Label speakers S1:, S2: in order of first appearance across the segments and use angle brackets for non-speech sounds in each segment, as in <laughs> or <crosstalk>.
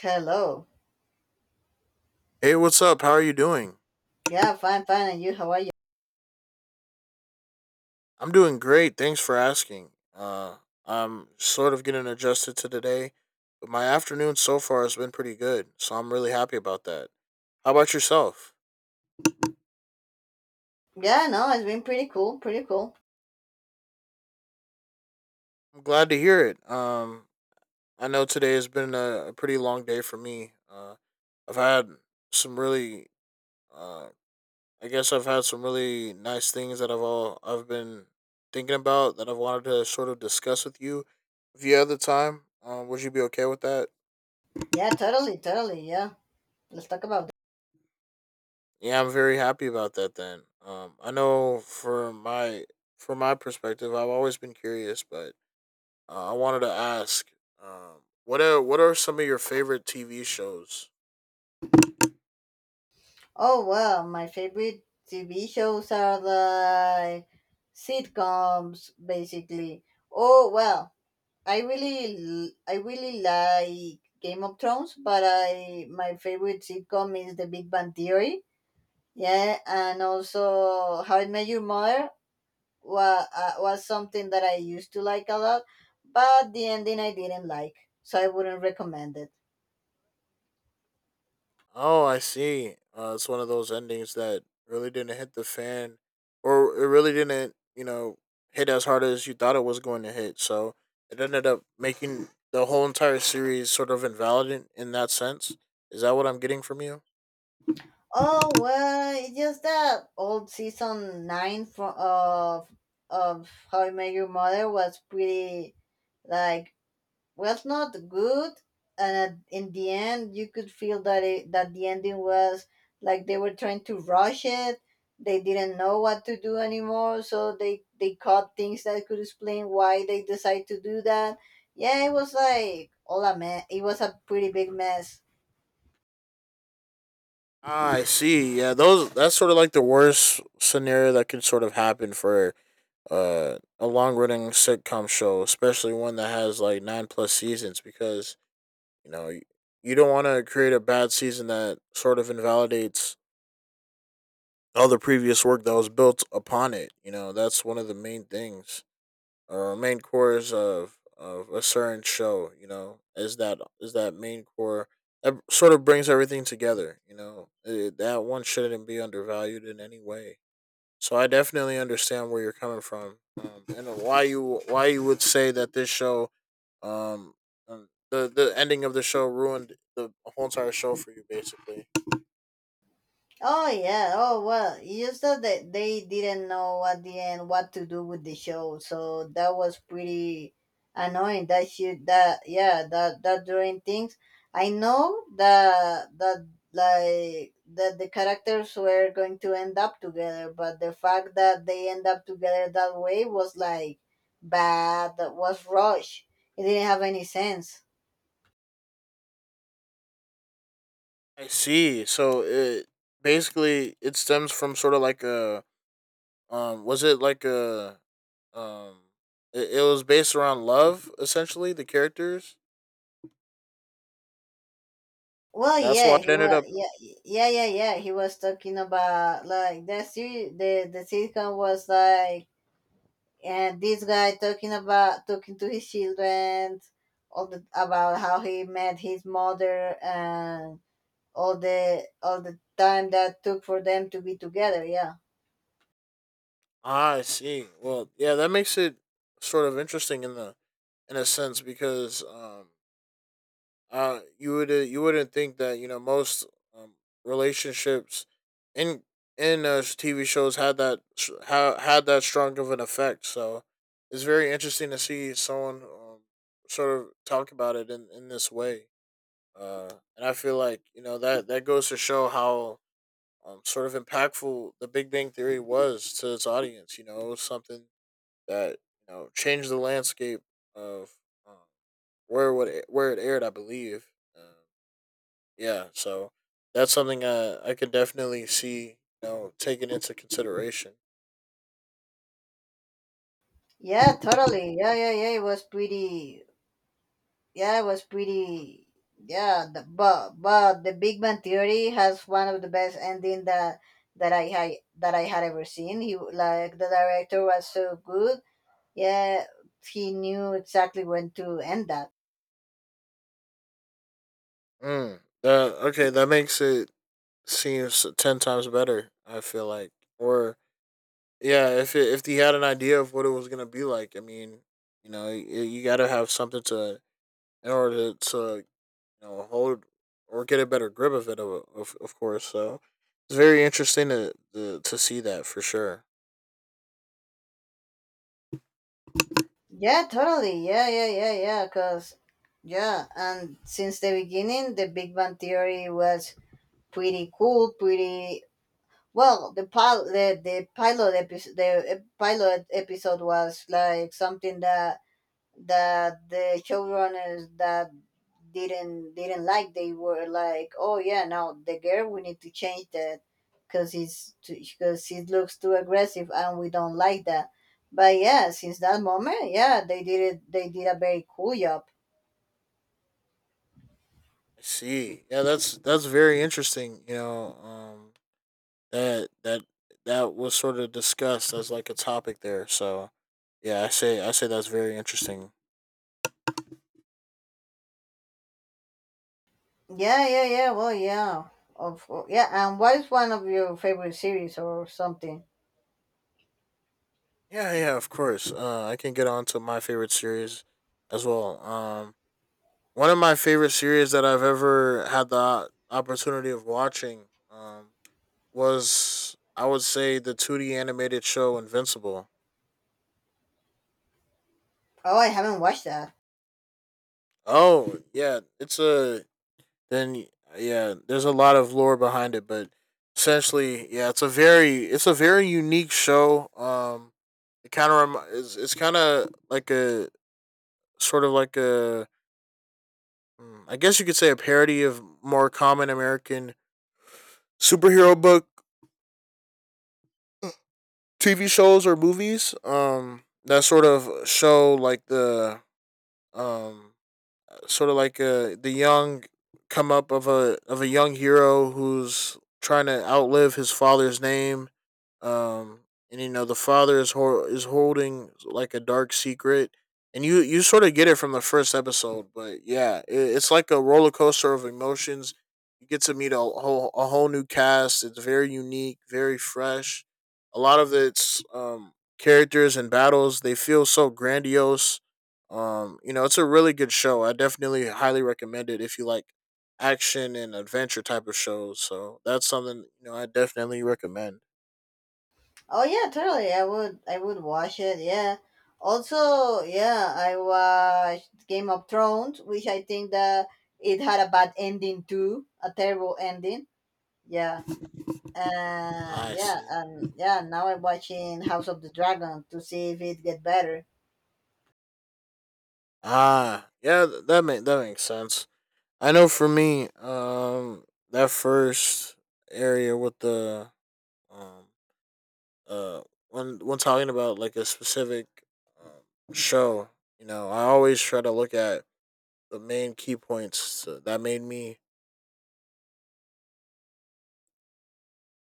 S1: Hello.
S2: Hey, what's up? How are you doing?
S1: Yeah, fine, fine. And you, how are you?
S2: I'm doing great. Thanks for asking. I'm sort of getting adjusted to today, but my afternoon so far has been pretty good, so I'm really happy about that. How about yourself?
S1: Yeah, no, it's been pretty cool, pretty cool.
S2: I'm glad to hear it. I know today has been a pretty long day for me. I've had some uh, I guess I've had some really nice things that I've been thinking about that I've wanted to sort of discuss with you. If you had the time, would you be okay with that?
S1: Yeah, totally, totally. Yeah, let's talk about that.
S2: Yeah, I'm very happy about that then. I know for my perspective, I've always been curious, but I wanted to ask what are some of your favorite TV shows?
S1: Oh, well, my favorite TV shows are the sitcoms, basically. Oh, well, I really like Game of Thrones, but I my favorite sitcom is The Big Bang Theory. Yeah, and also How I Met Your Mother was something that I used to like a lot, but the ending I didn't like, so I wouldn't recommend it.
S2: Oh, I see. It's one of those endings that really didn't hit the fan or it really didn't, hit as hard as you thought it was going to hit. So, it ended up making the whole entire series sort of invalid in that sense. Is that what I'm getting from you?
S1: Oh well, it's just that old season nine from of How I Met Your Mother was pretty like was not good and in the end you could feel that the ending was like they were trying to rush it. They didn't know what to do anymore, so they caught things that could explain why they decided to do that. Yeah, it was like all a mess. It was a pretty big mess.
S2: I see. Yeah, those that's sort of like the worst scenario that could sort of happen for a long running sitcom show, especially one that has like nine plus seasons, because you know you, you don't want to create a bad season that sort of invalidates all the previous work that was built upon it. You know that's one of the main things main cores of a certain show. You know, is that main core that sort of brings everything together. That one shouldn't be undervalued in any way. So I definitely understand where you're coming from, and why you would say that this show, um, the ending of the show ruined the whole entire show for you, basically.
S1: Oh yeah. Oh well. Just that they didn't know at the end what to do with the show, so that was pretty annoying. That shit. That, yeah. That that during things. I know that like that the characters were going to end up together, but the fact that they end up together that way was like bad. That was rush. It didn't have any sense.
S2: I see. So it basically it stems from sort of like a Um, was it like a, um, it was based around love essentially the characters.
S1: Well,
S2: That's
S1: yeah,
S2: why it
S1: he
S2: ended
S1: was,
S2: up.
S1: yeah, yeah, yeah, yeah. He was talking about like that series. The sitcom was like, and this guy talking about talking to his children, all the about how he met his mother and all the time that took for them to be together. Yeah,
S2: Ah, I see. Well, yeah, that makes it sort of interesting in a sense because you would you wouldn't think that you know most um, relationships in in TV shows had that had that strong of an effect. So it's very interesting to see someone sort of talk about it in this way. Uh, and I feel like you know that that goes to show how sort of impactful the Big Bang Theory was to its audience. You know, it was something that you know changed the landscape of um, where it aired, I believe. Um yeah, so that's something I could definitely see you know taken into consideration.
S1: yeah, totally. Yeah, yeah, yeah. It was pretty. Yeah, but the Big Bang Theory has one of the best ending that that I had that I had ever seen. He like the director was so good. Yeah, he knew exactly when to end that.
S2: Mm, that, okay, that makes it seems ten times better. I feel like, or yeah, if he had an idea of what it was gonna be like, I mean, you gotta have something to in order to, you know hold or get a better grip of it, of course. So it's very interesting to see that for sure.
S1: Yeah, totally. Yeah, yeah, yeah, yeah. Cause yeah, and since the beginning, the Big Bang Theory was pretty cool, pretty well. The pilot episode was like something that the showrunners that didn't like. They were like, oh yeah, now the girl, we need to change that because he's because he looks too aggressive and we don't like that. But yeah, since that moment, yeah, they did it, they did a very cool job.
S2: I see. Yeah, that's very interesting. You know, that that that was sort of discussed as like a topic there. So yeah, I say that's very interesting.
S1: Yeah, yeah, yeah, well, yeah, of yeah, and what is one of your favorite series or something?
S2: Yeah, yeah, of course. I can get on to my favorite series as well. One of my favorite series that I've ever had the opportunity of watching um, was, I would say, the 2D animated show Invincible.
S1: Oh, I haven't watched that.
S2: Oh, yeah. It's a. Then, yeah, there's a lot of lore behind it, but essentially, yeah, it's a very unique show. It's kind of like a sort of like I guess you could say a parody of more common American superhero book TV shows or movies that sort of show like the um, sort of like a the young come up of a young hero who's trying to outlive his father's name. Um, and you know the father is is holding like a dark secret, and you sort of get it from the first episode. But yeah, it's like a roller coaster of emotions. You get to meet a whole new cast. It's very unique, very fresh. A lot of its characters and battles they feel so grandiose you know, it's a really good show. I definitely highly recommend it if you like action and adventure type of shows. So that's something you know I definitely recommend.
S1: Oh yeah, totally. I would watch it. Yeah. Also, yeah, I watched Game of Thrones, which I think that it had a bad ending too, a terrible ending. Yeah.
S2: I
S1: Yeah,
S2: see.
S1: and yeah, now I'm watching House of the Dragon to see if it get better.
S2: Ah, yeah, that makes sense. I know for me, that first area with the um uh when talking about like a specific show, you know, I always try to look at the main key points so that made me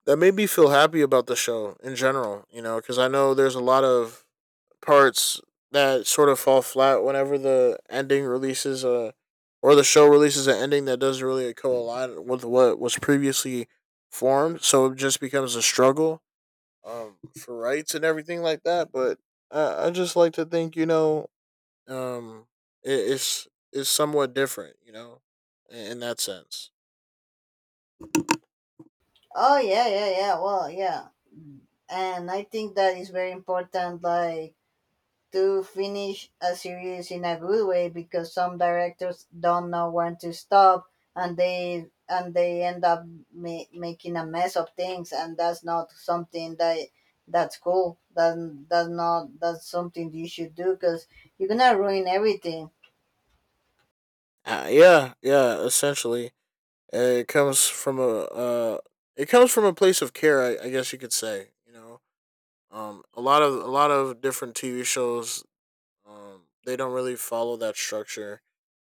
S2: feel happy about the show in general, you know, because I know there's a lot of parts that sort of fall flat whenever the ending releases a or the show releases an ending that doesn't really co-align with what was previously formed, so it just becomes a struggle for rights and everything like that. But I just like to think, you know, um, it, it's it's somewhat different, you know, in that sense.
S1: Oh yeah, yeah, yeah. Well, yeah. And I think that is very important like to finish a series in a good way because some directors don't know when to stop, and they end up making a mess of things, and that's not something that that's cool that that's not that's something you should do because you're gonna ruin everything.
S2: Yeah, essentially. And it comes from a it comes from a place of care, I guess you could say. You know, a lot of different TV shows, they don't really follow that structure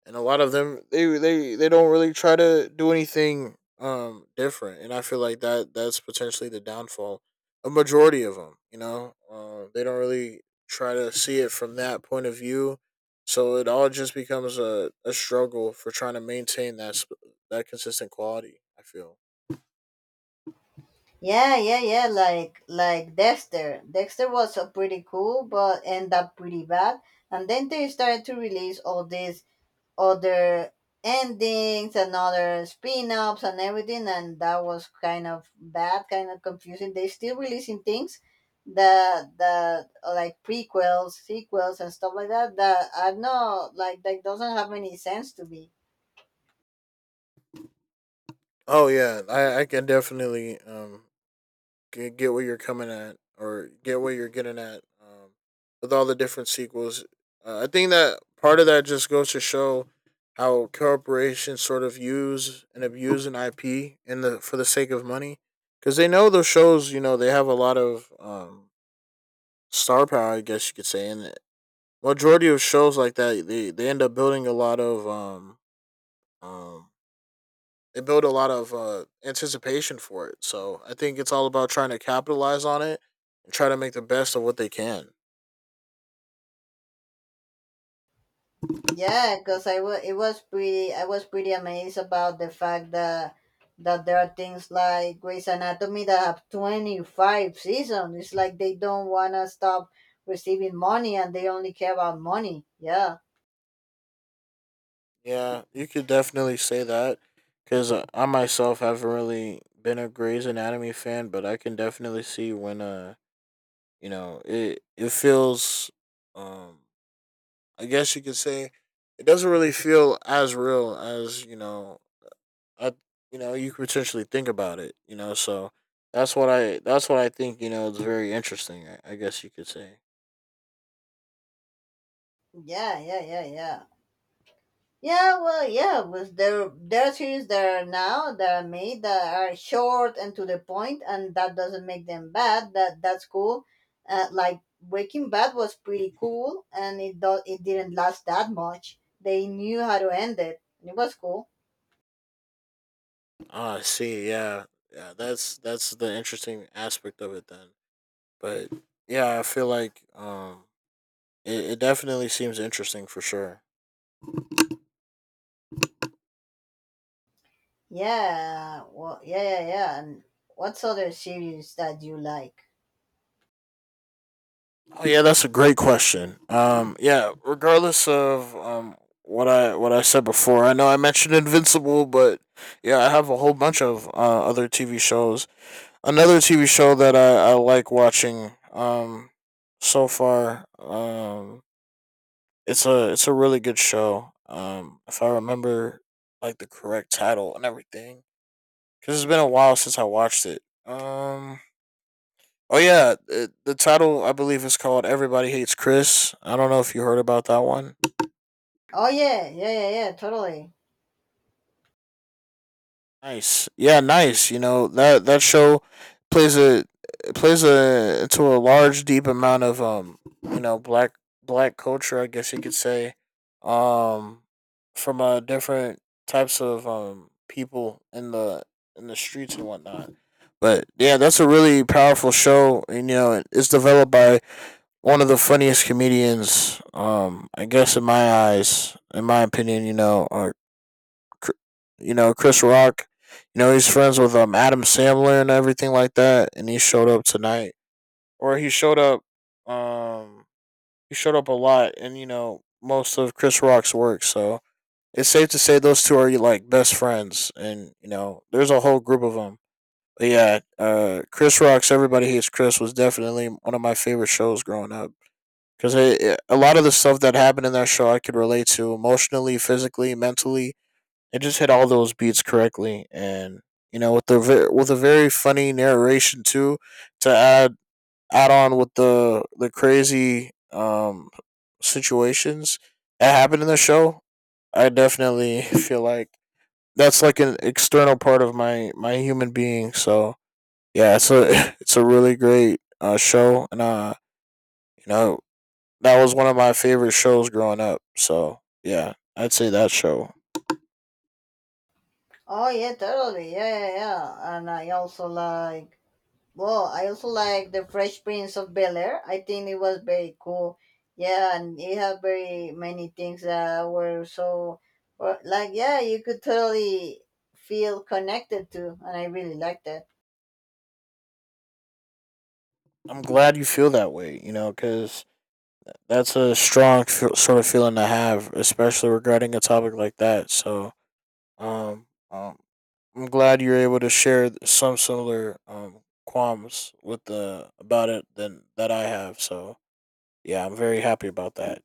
S2: and a lot of them they don't really try to do anything different, and I feel like that's potentially the downfall. A majority of them, you know, they don't really try to see it from that point of view, so it all just becomes a struggle for trying to maintain that consistent quality, I feel.
S1: Yeah, yeah, yeah. Like Dexter, Dexter was a pretty cool but end up pretty bad, and then they started to release all these other endings and other spin-offs and everything, and that was kind of bad, kind of confusing. They still releasing things that are like prequels, sequels and stuff like that that are not like that doesn't have any sense to me.
S2: Oh yeah, I can definitely get where you're coming at or get where you're getting at with all the different sequels. I think that part of that just goes to show how corporations sort of use and abuse an IP in the for the sake of money because they know those shows. You know they have a lot of star power, I guess you could say, and the majority of shows like that they end up building a lot of um they build a lot of anticipation for it. So I think it's all about trying to capitalize on it and try to make the best of what they can.
S1: Yeah, because I was it was pretty I was pretty amazed about the fact that there are things like Grey's Anatomy that have 25 seasons. It's like they don't wanna stop receiving money and they only care about money. Yeah,
S2: Yeah, you could definitely say that because I myself haven't really been a Grey's Anatomy fan, but I can definitely see when you know it feels um I guess you could say it doesn't really feel as real as you know I, you know, you could potentially think about it. You know, so that's what I think. You know, it's very interesting. I guess you could say.
S1: yeah, yeah, yeah, yeah. Yeah, well, yeah, but there are series that are now that are made that are short and to the point, and that doesn't make them bad. That that's cool. Like Breaking Bad was pretty cool, and it didn't last that much. They knew how to end it, and it was cool.
S2: Ah, I see, yeah, yeah. That's the interesting aspect of it then. But yeah, I feel like it definitely seems interesting for sure.
S1: Yeah, well, yeah, yeah, yeah. And what's other series that you like?
S2: Oh yeah, that's a great question. Yeah, regardless of what I said before, I know I mentioned Invincible, but yeah, I have a whole bunch of other TV shows. Another TV show that I like watching so far it's a really good show if I remember like the correct title and everything because it's been a while since I watched it. The title I believe is called Everybody Hates Chris. I don't know if you heard about that one.
S1: Oh yeah, yeah, yeah, yeah, totally.
S2: Nice. Yeah, nice. You know, that that show plays a to a large deep amount of you know, black culture, I guess you could say. Um from different types of people in the streets and whatnot. But yeah, that's a really powerful show. And, you know, it's developed by one of the funniest comedians, I guess in my eyes, in my opinion, you know, Chris Rock. You know, he's friends with Adam Sandler and everything like that, and he showed up tonight, or he showed up. Um, he showed up a lot, and you know most of Chris Rock's work. So it's safe to say those two are like best friends, and you know there's a whole group of them. But yeah, Chris Rock's Everybody Hates Chris was definitely one of my favorite shows growing up because a lot of the stuff that happened in that show I could relate to emotionally, physically, mentally. It just hit all those beats correctly, and you know, with the with a very funny narration too, to add on with the crazy situations that happened in the show. I definitely <laughs> feel like that's like an external part of my human being. So yeah, it's a <laughs> it's a really great show, and you know, that was one of my favorite shows growing up. So yeah, I'd say that show.
S1: Oh yeah, totally. Yeah, yeah, yeah. And I also like well, I also like the Fresh Prince of Bel Air. I think it was very cool. Yeah, and it had very many things that were so, were- like, yeah, you could totally feel connected to, and I really liked that.
S2: I'm glad you feel that way, you know, because that's a strong sort of feeling to have, especially regarding a topic like that. So, um, um, I'm glad you're able to share some similar qualms with the about it than that I have. So, yeah, I'm very happy about that.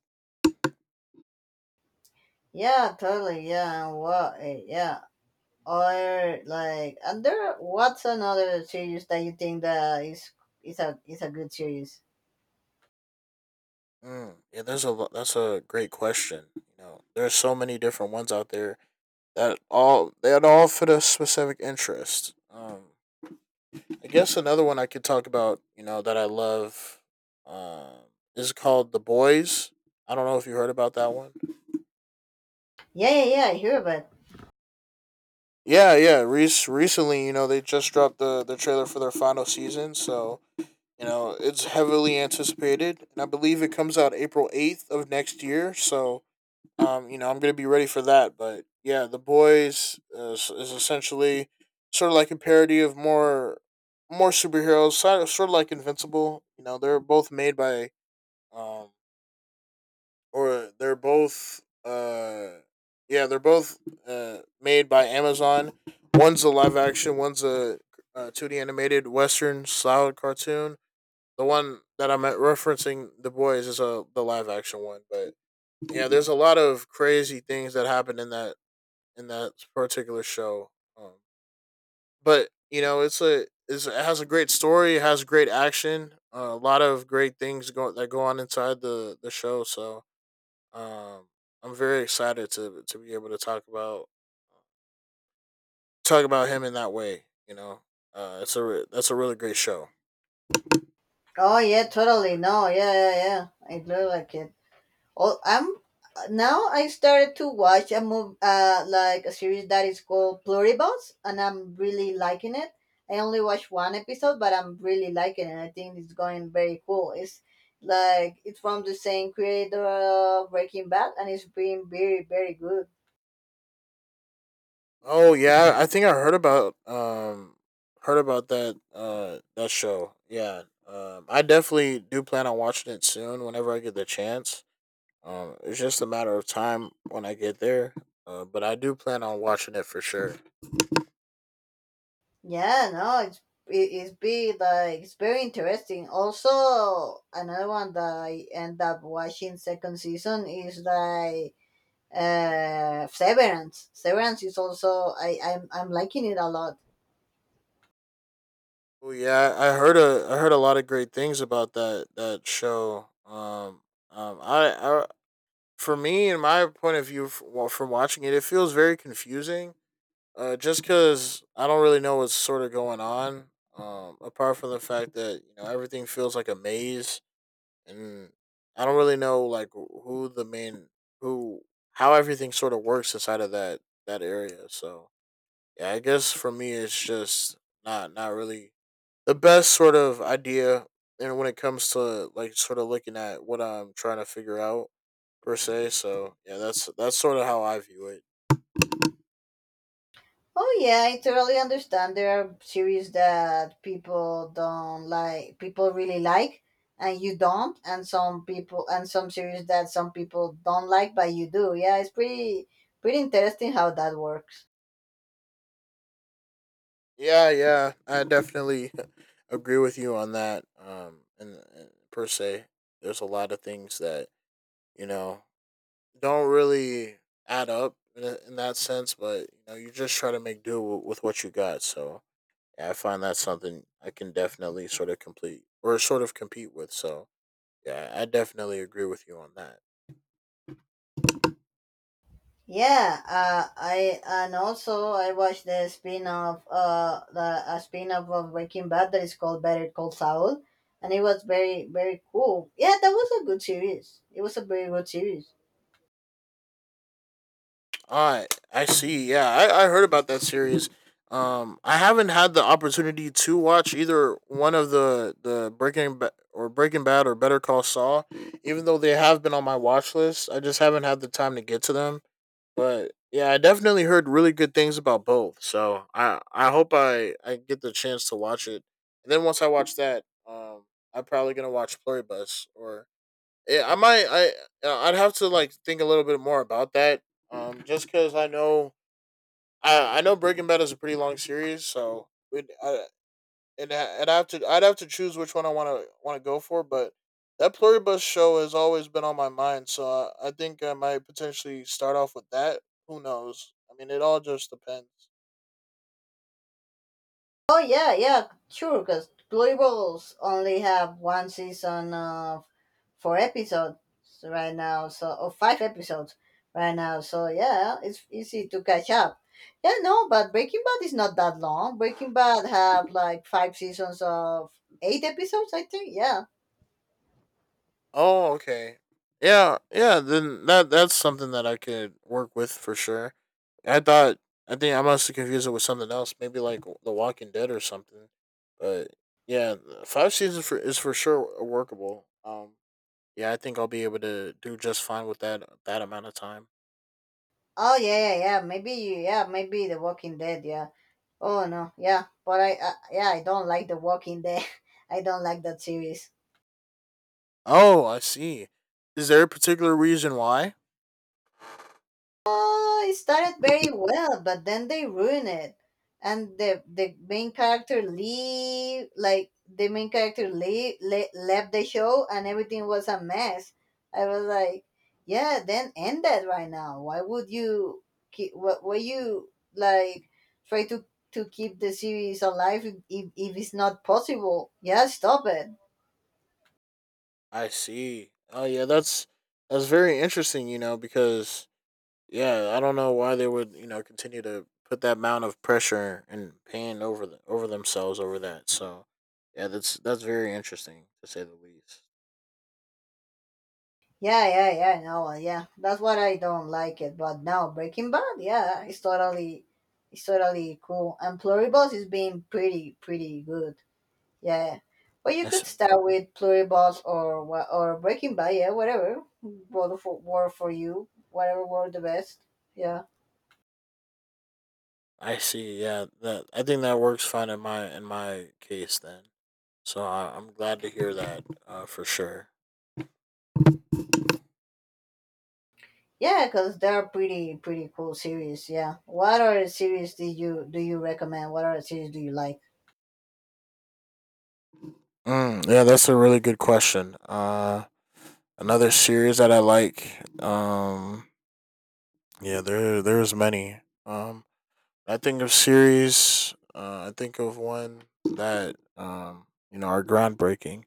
S1: Yeah, totally. Yeah, yeah, or like, and there. what's another series that you think that is a is a good series?
S2: Mm, yeah, there's a that's a great question. You know, there's so many different ones out there that all fit a specific interest. I guess another one I could talk about, you know, that I love, um, is called The Boys. I don't know if you heard about that one.
S1: Yeah, yeah, yeah. I hear about.
S2: Yeah, yeah. Re Recently, you know, they just dropped the trailer for their final season, so you know it's heavily anticipated, and I believe it comes out April 8th of next year. So, you know, I'm gonna be ready for that. But yeah, The Boys is essentially sort of like a parody of more superheroes, sort of like Invincible. You know, they're both made by um, or they're both yeah, they're both made by Amazon. One's a live action, one's a two D animated Western style cartoon. The one that I'm referencing, The Boys, is a the live action one. But yeah, there's a lot of crazy things that happen in that particular show. But you know, it's a it's, it has a great story, it has great action, a lot of great things go, that go on inside the show. So Um, I'm very excited to be able to talk about him in that way. You know, it's a that's a really great show.
S1: Oh yeah, totally. No, yeah, yeah, yeah. It looked like it. Oh, I'm now I started to watch a move like a series that is called Pluribus, and I'm really liking it. I only watched one episode, but I'm really liking it. I think it's going very cool. It's like it's from the same creator of Breaking Bad, and it's been very very good.
S2: Oh yeah, I think I heard about that that show. Yeah, I definitely do plan on watching it soon whenever I get the chance. It's just a matter of time when I get there. But I do plan on watching it for sure.
S1: Yeah, no, it's it's be like it's very interesting. Also, another one that I end up watching second season is like Severance. Severance is also I'm liking it a lot.
S2: Oh yeah, I heard a lot of great things about that that show. I, for me, in my point of view, well, from watching it, it feels very confusing. Just because I don't really know what's sort of going on. Apart from the fact that you know everything feels like a maze, and I don't really know like who the main who how everything sort of works inside of that that area. So yeah, I guess for me, it's just not really the best sort of idea and when it comes to like sort of looking at what I'm trying to figure out per se. So yeah, that's sort of how I view it.
S1: Oh yeah, I totally understand. There are series that people don't like, people really like, and you don't, and some series that some people don't like, but you do. Yeah, it's pretty pretty interesting how that works.
S2: Yeah, yeah, I definitely <laughs> agree with you on that. And per se, there's a lot of things that you know don't really add up in, in that sense, but you know you just try to make do with what you got. So yeah, I find that's something I can definitely sort of complete or sort of compete with. So yeah, I definitely agree with you on that.
S1: Yeah, I and also I watched the spin-off, the a spin-off of Breaking Bad that is called Better Call Saul, and it was very very cool. Yeah, that was a good series. It was a very good series.
S2: All right, I see. Yeah, I heard about that series. I haven't had the opportunity to watch either one of the or Breaking Bad or Better Call Saul, even though they have been on my watch list. I just haven't had the time to get to them. But yeah, I definitely heard really good things about both. So I hope I get the chance to watch it. And then once I watch that, I'm probably gonna watch Pluribus or yeah, I might. I'd have to like think a little bit more about that. Just because I know I know Breaking Bad is a pretty long series, so it, I, and I- and I have to I'd have to choose which one I want to go for. But that Pluribus show has always been on my mind, so I think I might potentially start off with that. Who knows? I mean, it all just depends.
S1: Oh yeah, yeah, sure. Because Glory only have one season of 4 episodes right now, so or 5 episodes right now. So yeah, it's easy to catch up. Yeah, no, but Breaking Bad is not that long. Breaking Bad have like 5 seasons of 8 episodes, I think. Yeah.
S2: Oh, okay. Yeah, yeah. Then that's something that I could work with for sure. I thought I think I must have confused it with something else, maybe like The Walking Dead or something. But yeah, five seasons for is for sure workable. Yeah, I think I'll be able to do just fine with that that amount of time.
S1: Oh yeah, yeah, yeah. Maybe yeah, maybe The Walking Dead. Yeah. Oh no, yeah. I yeah, I don't like The Walking Dead. <laughs> I don't like that series.
S2: Oh, I see. Is there a particular reason why?
S1: It started very well, but then they ruin it, and the main character leave like the main character leave, le- left the show, and everything was a mess. I was like, yeah, then end that right now. Why would you keep? What were you like? Try to keep the series alive if it's not possible. Yeah, stop it.
S2: I see. Oh yeah, that's very interesting. You know because yeah, I don't know why they would, you know, continue to put that amount of pressure and pain over the, over themselves over that. So, yeah, that's very interesting to say the least.
S1: Yeah, yeah, yeah. No, yeah. That's what I don't like it. But now Breaking Bad, yeah, it's totally cool. And Pluribus is being pretty, pretty good. Yeah. Well, you
S2: I
S1: could
S2: see.
S1: start with Pluribus or or Breaking Bad. Yeah, whatever. Both for were for you. Whatever were the best. Yeah.
S2: I see. Yeah, that I think that works fine in my case then. So I'm glad to hear that for sure.
S1: Yeah, because they're pretty, pretty cool series. Yeah. What other series did you do you recommend? What other series do you like?
S2: Mm, yeah, that's a really good question. Another series that I like. Yeah, there's many. Um, I think of series. I think of one that you know are groundbreaking.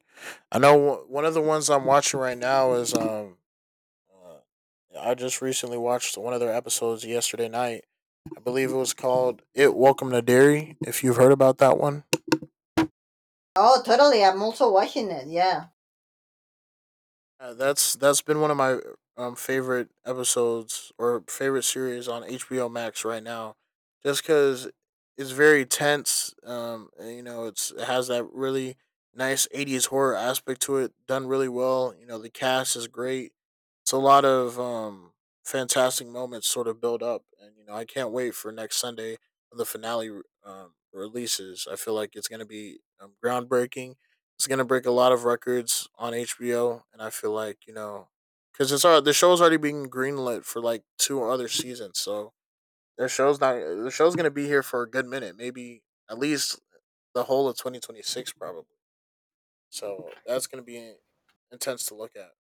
S2: I know one of the ones I'm watching right now is uh, I just recently watched one of their episodes yesterday night. I believe it was called "It Welcome to Dairy." If you've heard about that one,
S1: Oh, totally. I'm also watching it. Yeah.
S2: yeah, that's been one of my favorite episodes or favorite series on HBO Max right now, just because it's very tense. And, you know, it's it has that really nice '80s horror aspect to it, done really well. You know, the cast is great. It's a lot of fantastic moments sort of build up, and you know, I can't wait for next Sunday when the finale releases. I feel like it's gonna be groundbreaking. It's gonna break a lot of records on HBO, and I feel like you know, because it's all the show's already being greenlit for like two other seasons, so their show's not the show's gonna be here for a good minute, maybe at least the whole of 2026 probably. So that's gonna be intense to look at.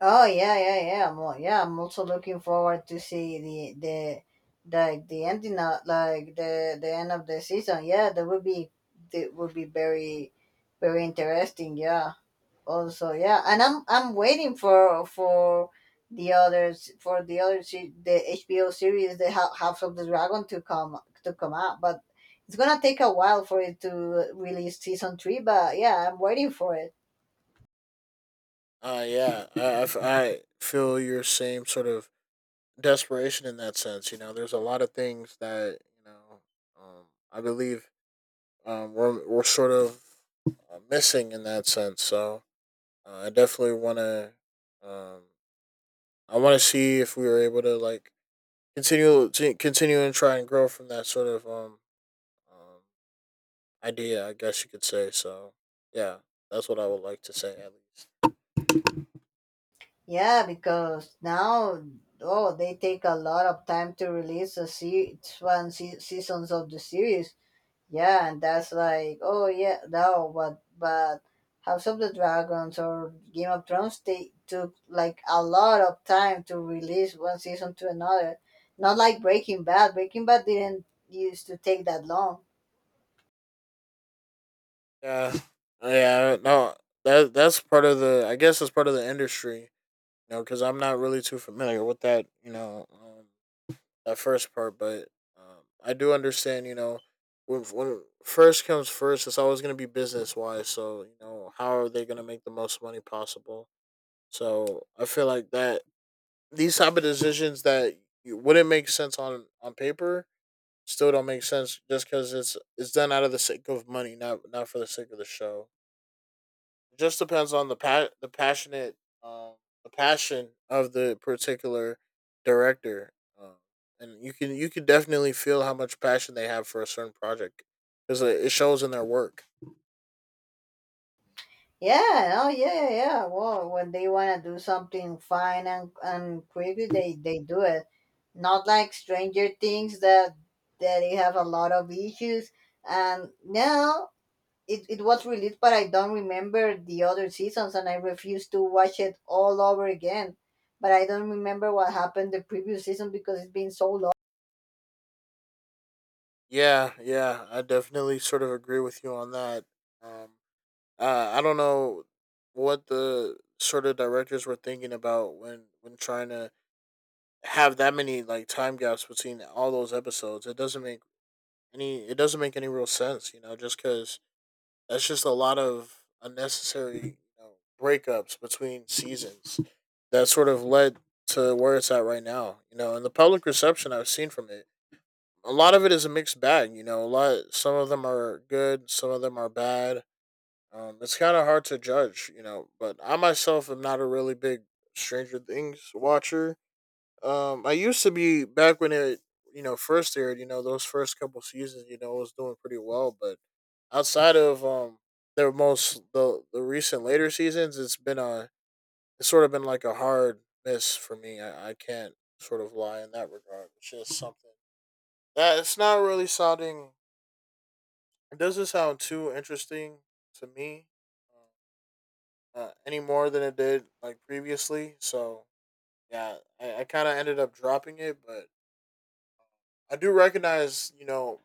S1: Oh yeah, yeah, yeah. Yeah, I'm also looking forward to see the like the ending of like the end of the season. Yeah, that would be very very interesting. Yeah. Also, yeah, and I'm waiting for the other the HBO series House of the Dragon to come out, but it's gonna take a while for it to release season 3. But yeah, I'm waiting for it.
S2: Yeah, I feel your same sort of desperation in that sense. You know, there's a lot of things that you know, um, I believe we're sort of missing in that sense. So I definitely want to. Um, I want to see if we were able to like continue and try and grow from that sort of um idea. I guess you could say. So yeah, that's what I would like to say at least.
S1: Yeah, because now oh they take a lot of time to release the se- one se- seasons of the series. Yeah, and that's like oh yeah no, but House of the Dragons or Game of Thrones, they took like a lot of time to release one season to another. Not like Breaking Bad. Breaking Bad didn't used to take that long.
S2: Yeah, yeah. No, that that's part of the. I guess that's part of the industry. You know, because I'm not really too familiar with that. You know, that first part, but I do understand. You know, when first comes first, it's always going to be business wise. So you know, how are they going to make the most money possible? So I feel like that these type of decisions that wouldn't make sense on paper still don't make sense just because it's done out of the sake of money, not for the sake of the show. It just depends on the passionate um the passion of the particular director um, and you can definitely feel how much passion they have for a certain project because it shows in their work.
S1: Yeah, oh yeah, yeah. Well, when they want to do something fine and quickly, they do it. Not like Stranger Things that they have a lot of issues. And now it was released, but I don't remember the other seasons, and I refuse to watch it all over again. But I don't remember what happened the previous season because it's been so long.
S2: Yeah, yeah, I definitely sort of agree with you on that. um I don't know what the sort of directors were thinking about when trying to have that many like time gaps between all those episodes. It doesn't make any it doesn't make any real sense, you know, just because that's just a lot of unnecessary, you know, breakups between seasons that sort of led to where it's at right now. You know, and the public reception I've seen from it, a lot of it is a mixed bag. You know, a lot some of them are good, some of them are bad. It's kind of hard to judge, you know. But I myself am not a really big Stranger Things watcher. I used to be back when it, you know, first aired. You know, those first couple seasons, you know, I was doing pretty well. But outside of their most the recent later seasons, it's been a it's sort of been like a hard miss for me. I can't sort of lie in that regard. It's just something that it's not really sounding. It doesn't sound too interesting to me any more than it did like previously. So yeah, I kind of ended up dropping it, but I do recognize, you know,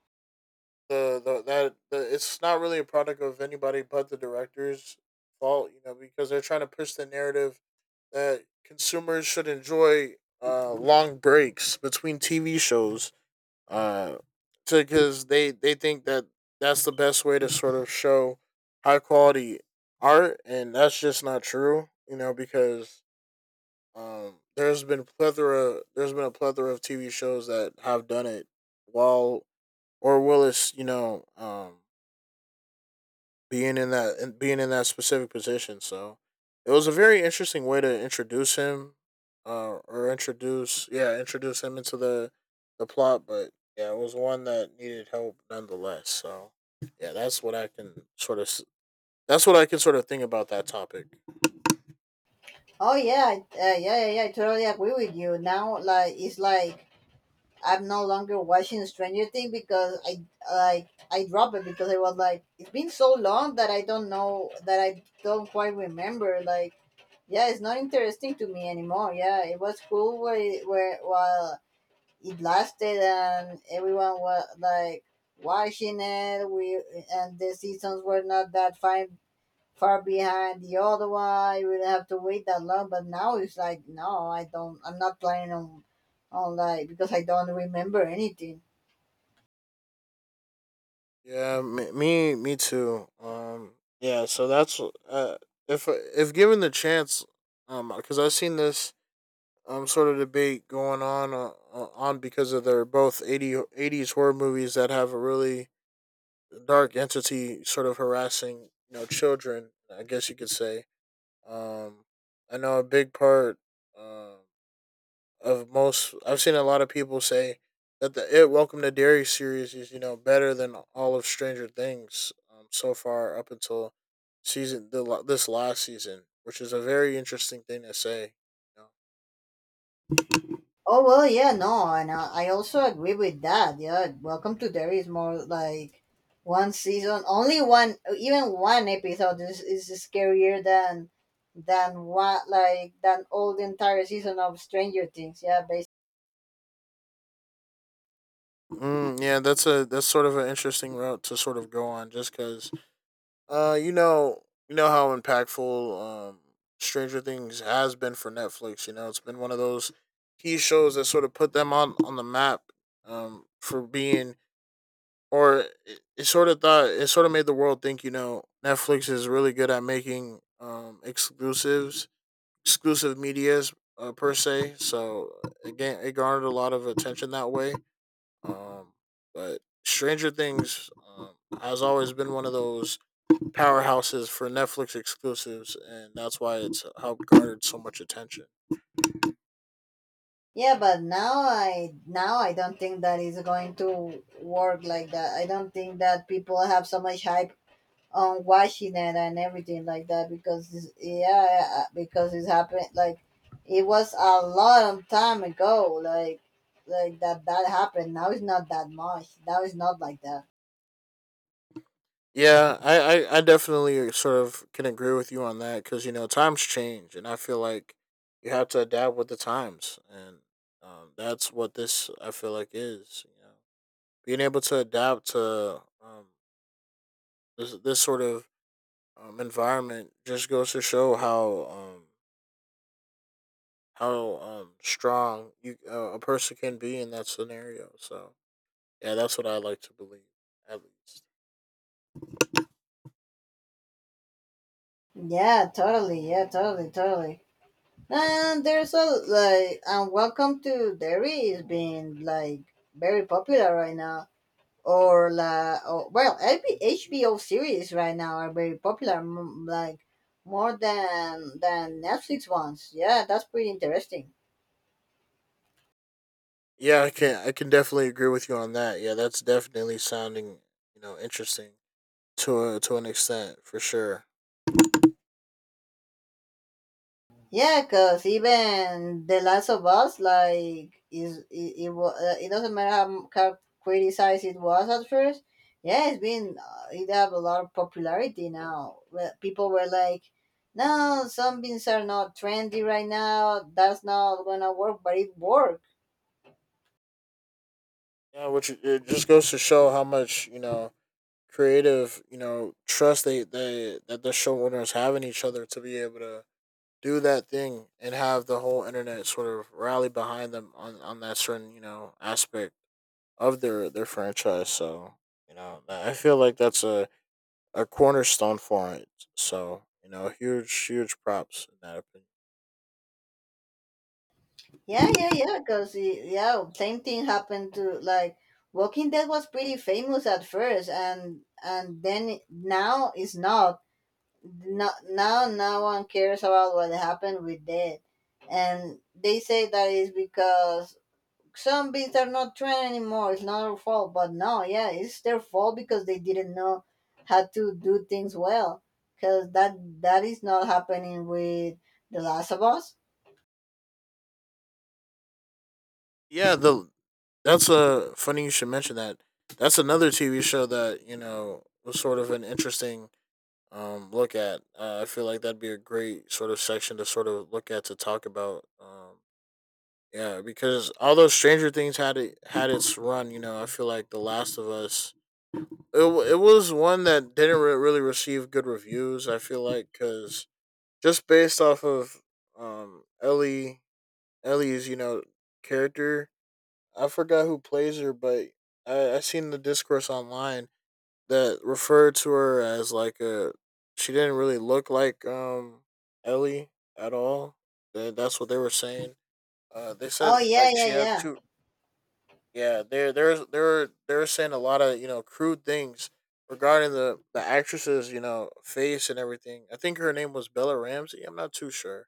S2: it's not really a product of anybody but the director's fault, you know, because they're trying to push the narrative that consumers should enjoy long breaks between TV shows, uh, because they think that that's the best way to sort of show high quality art, and that's just not true, you know, because there's been a plethora of TV shows that have done it while or Willis, you know, being in that specific position. So it was a very interesting way to introduce him, or introduce yeah, introduce him into the plot. But yeah, it was one that needed help nonetheless. So yeah, that's what I can sort of that's what I can sort of think about that topic.
S1: Oh yeah, yeah, yeah, yeah. I totally agree with you. Now, like, it's like I'm no longer watching Stranger Things because I like I dropped it because I was like it's been so long that I don't know, that I don't quite remember. Like yeah, it's not interesting to me anymore. Yeah, it was cool where where while it lasted and everyone was like watching it. We and the seasons were not that fine far behind the other one. I would have to wait that long. But now it's like, no, I don't. I'm not planning on, because I don't remember anything.
S2: Yeah, me too. Yeah, so that's uh, if given the chance, because I've seen this sort of debate going on because of they're both 80 eighties horror movies that have a really dark entity sort of harassing, you know, children, I guess you could say. um I know a big part uh, of most I've seen a lot of people say that the It Welcome to Derry series is, you know, better than all of Stranger Things, so far up until season this last season, which is a very interesting thing to say, you know?
S1: Oh well, yeah, no, and I also agree with that. Yeah, Welcome to Derry is more like one season, only one, even one episode is scarier than what like than all the entire season of Stranger Things. Yeah.
S2: Mm, yeah, that's a that's sort of an interesting route to sort of go on, just because uh, you know, you know how impactful Stranger Things has been for Netflix. You know, it's been one of those key shows that sort of put them on the map, for being or it sort of thought it sort of made the world think. You know, Netflix is really good at making exclusives, exclusive medias, per se. So again, it garnered a lot of attention that way, um, but Stranger Things, has always been one of those powerhouses for Netflix exclusives, and that's why it's helped garnered so much attention.
S1: Yeah, but now I don't think that is going to work like that. I don't think that people have so much hype on watching it and everything like that because because it's happened like it was a long time ago. Like that happened. Now it's not that much. Now it's not like that.
S2: Yeah, I definitely sort of can agree with you on that because you know times change, and I feel like you have to adapt with the times, and that's what this I feel like is. You know, being able to adapt to this this sort of environment just goes to show how strong you a person can be in that scenario. So yeah, that's what I like to believe at least.
S1: Yeah, totally. Yeah, totally. And there's a like and Welcome to Derry is being like very popular right now. Or like, or well, HBO series right now are very popular, like more than Netflix ones. Yeah, that's pretty interesting.
S2: Yeah, I can definitely agree with you on that. Yeah, that's definitely sounding, you know, interesting to to an extent for sure.
S1: Yeah, cuz even The Last of Us, like, is it, it was it doesn't matter how criticized it was at first. Yeah, it's been it have a lot of popularity now. Well, people were like, no, zombies are not trendy right now. That's not gonna work, but it worked.
S2: Yeah, which it just goes to show how much, you know, creative, you know, trust they that the show owners have in each other to be able to do that thing and have the whole internet sort of rally behind them on that certain, you know, aspect of their franchise. So you know I feel like that's a cornerstone for it. So you know, huge, huge props in that opinion.
S1: Yeah, yeah. Because yeah, same thing happened to like Walking Dead. Was pretty famous at first, and now it's not. No, now no one cares about what happened with Dead, and they say that is because zombies are not trend anymore. It's not our fault, but no, yeah, it's their fault because they didn't know how to do things well. Because that is not happening with The Last of Us.
S2: Yeah, the that's a funny you should mention that. That's another TV show that you know was sort of an interesting, look at. I feel like that'd be a great sort of section to sort of look at to talk about. Yeah, because although Stranger Things had it had its run, you know, I feel like The Last of Us it, it was one that didn't really receive good reviews. I feel like because just based off of um Ellie Ellie's, you know, character. I forgot who plays her, but I seen the discourse online that referred to her as like a she didn't really look like Ellie at all. That's what they were saying. They
S1: Oh
S2: said
S1: yeah,
S2: like
S1: yeah,
S2: she had
S1: yeah.
S2: two, yeah, they're saying a lot of, you know, crude things regarding the actress's, you know, face and everything. I think her name was Bella Ramsey. I'm not too sure,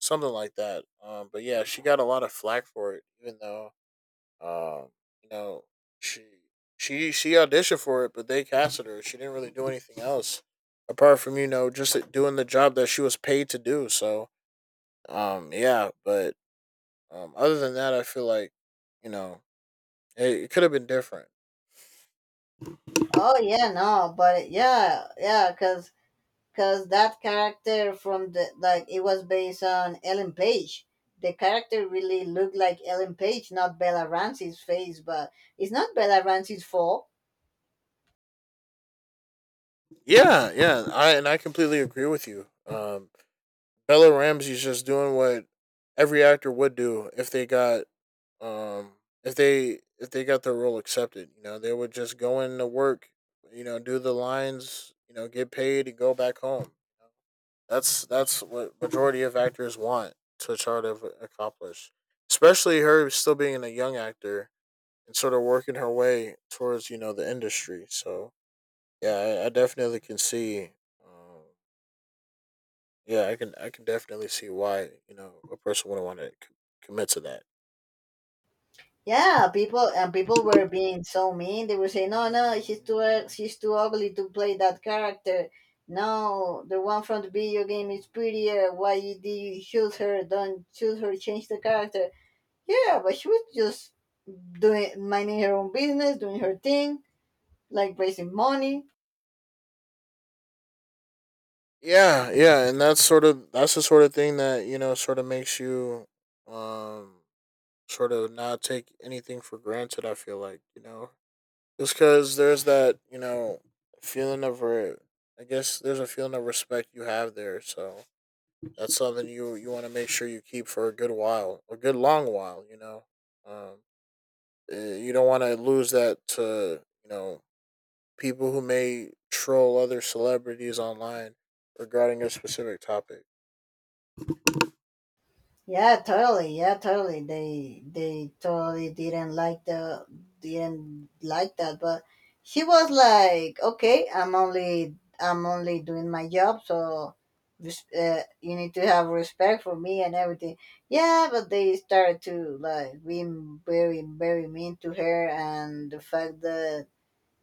S2: something like that. But yeah, she got a lot of flack for it, even though, um you know, she she auditioned for it, but they casted her. She didn't really do anything else apart from, you know, just like, doing the job that she was paid to do. So yeah, but other than that, I feel like, you know, it could have been different.
S1: Oh yeah, no, but yeah, yeah, cause that character from the like it was based on Ellen Page. The character really looked like Ellen Page, not Bella Ramsey's face, but it's not Bella Ramsey's fault.
S2: Yeah, yeah, I and I completely agree with you. Bella Ramsey's just doing what every actor would do if they got um if they got their role accepted. You know, they would just go into work, you know, do the lines, you know, get paid, and go back home. That's what majority of actors want to try to accomplish. Especially her still being a young actor and sort of working her way towards, you know, the industry. So yeah, I definitely can see. Um, Yeah, I can definitely see why, you know, a person wouldn't want to commit to that.
S1: Yeah, people and people were being so mean. They were saying, "No, no, she's too she's too ugly to play that character. No, the one from the video game is prettier. Why you, did you choose her? Don't choose her. Change the character." Yeah, but she was just doing, minding her own business, doing her thing, like raising money.
S2: Yeah, yeah, and that's sort of that's the sort of thing that you know sort of makes you um sort of not take anything for granted. I feel like, you know, just because there's that, you know, feeling of I guess there's a feeling of respect you have there, so that's something you you want to make sure you keep for a good while, a good long while. You know, um, you don't want to lose that to, you know, people who may troll other celebrities online regarding a specific topic.
S1: Yeah, totally. Yeah, totally. They totally didn't like the didn't like that. But she was like, "Okay, I'm only doing my job, so this, you need to have respect for me and everything." Yeah, but they started to like being very mean to her, and the fact that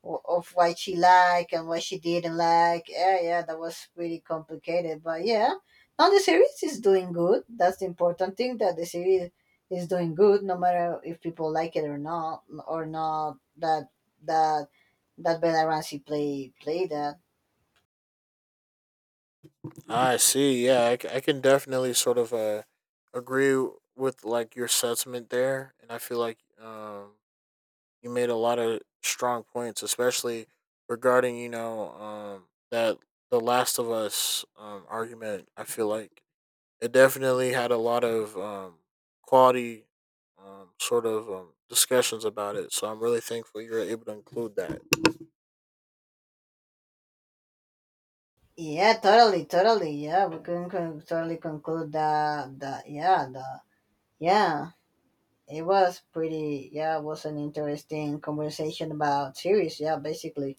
S1: of what she liked and what she didn't like. Yeah, yeah, that was pretty complicated. But yeah, now the series is doing good. That's the important thing, that the series is doing good, no matter if people like it or not, or not. That that that Bella Ramsey play that.
S2: I see. Yeah, I can definitely sort of agree with like your sentiment there, and I feel like you made a lot of strong points, especially regarding, you know, that the Last of Us, argument. I feel like it definitely had a lot of quality. Sort of discussions about it, so I'm really thankful you were able to include that.
S1: Yeah, totally. Yeah, we can totally conclude that. That yeah, the yeah. It was pretty, yeah, it was an interesting conversation about series, yeah, basically.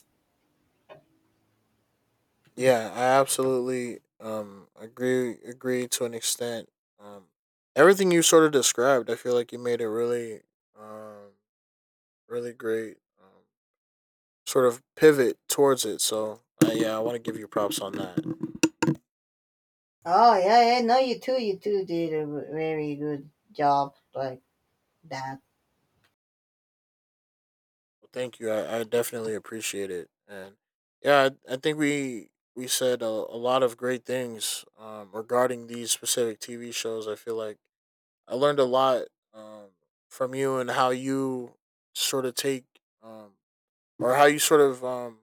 S2: Yeah, I absolutely agree to an extent. Um everything you sort of described, I feel like you made a really um really great, sort of pivot towards it. So, yeah, I want to give you props on that.
S1: Oh yeah, yeah. No, you too. You too did a very good job like that.
S2: Well, thank you. I definitely appreciate it. And yeah, I think we said a lot of great things regarding these specific TV shows. I feel like I learned a lot um from you and how you sort of take um or how you sort of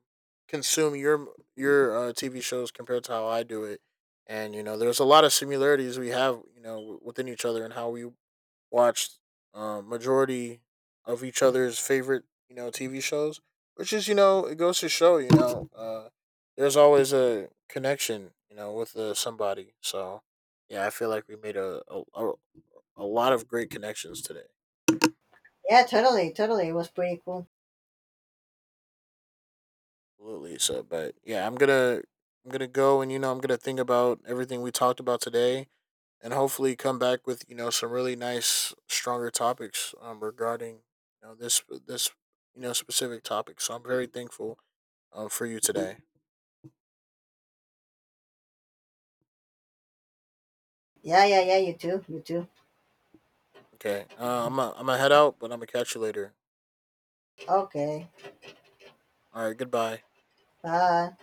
S2: consume your TV shows compared to how I do it. And you know, there's a lot of similarities we have, you know, within each other and how we watch, majority of each other's favorite, you know, TV shows. Which is, you know, it goes to show, you know, there's always a connection, you know, with somebody. So, yeah, I feel like we made a lot of great connections today.
S1: Yeah, totally. It was pretty cool.
S2: Absolutely. So, but yeah, I'm gonna go and you know I'm gonna think about everything we talked about today, and hopefully come back with, you know, some really nice, stronger topics, regarding, you know, this, you know, specific topic. So I'm very thankful, for you today.
S1: Yeah, yeah. You too. You too.
S2: Okay, I'm gonna head out, but I'm gonna catch you later.
S1: Okay.
S2: All right, goodbye.
S1: Bye.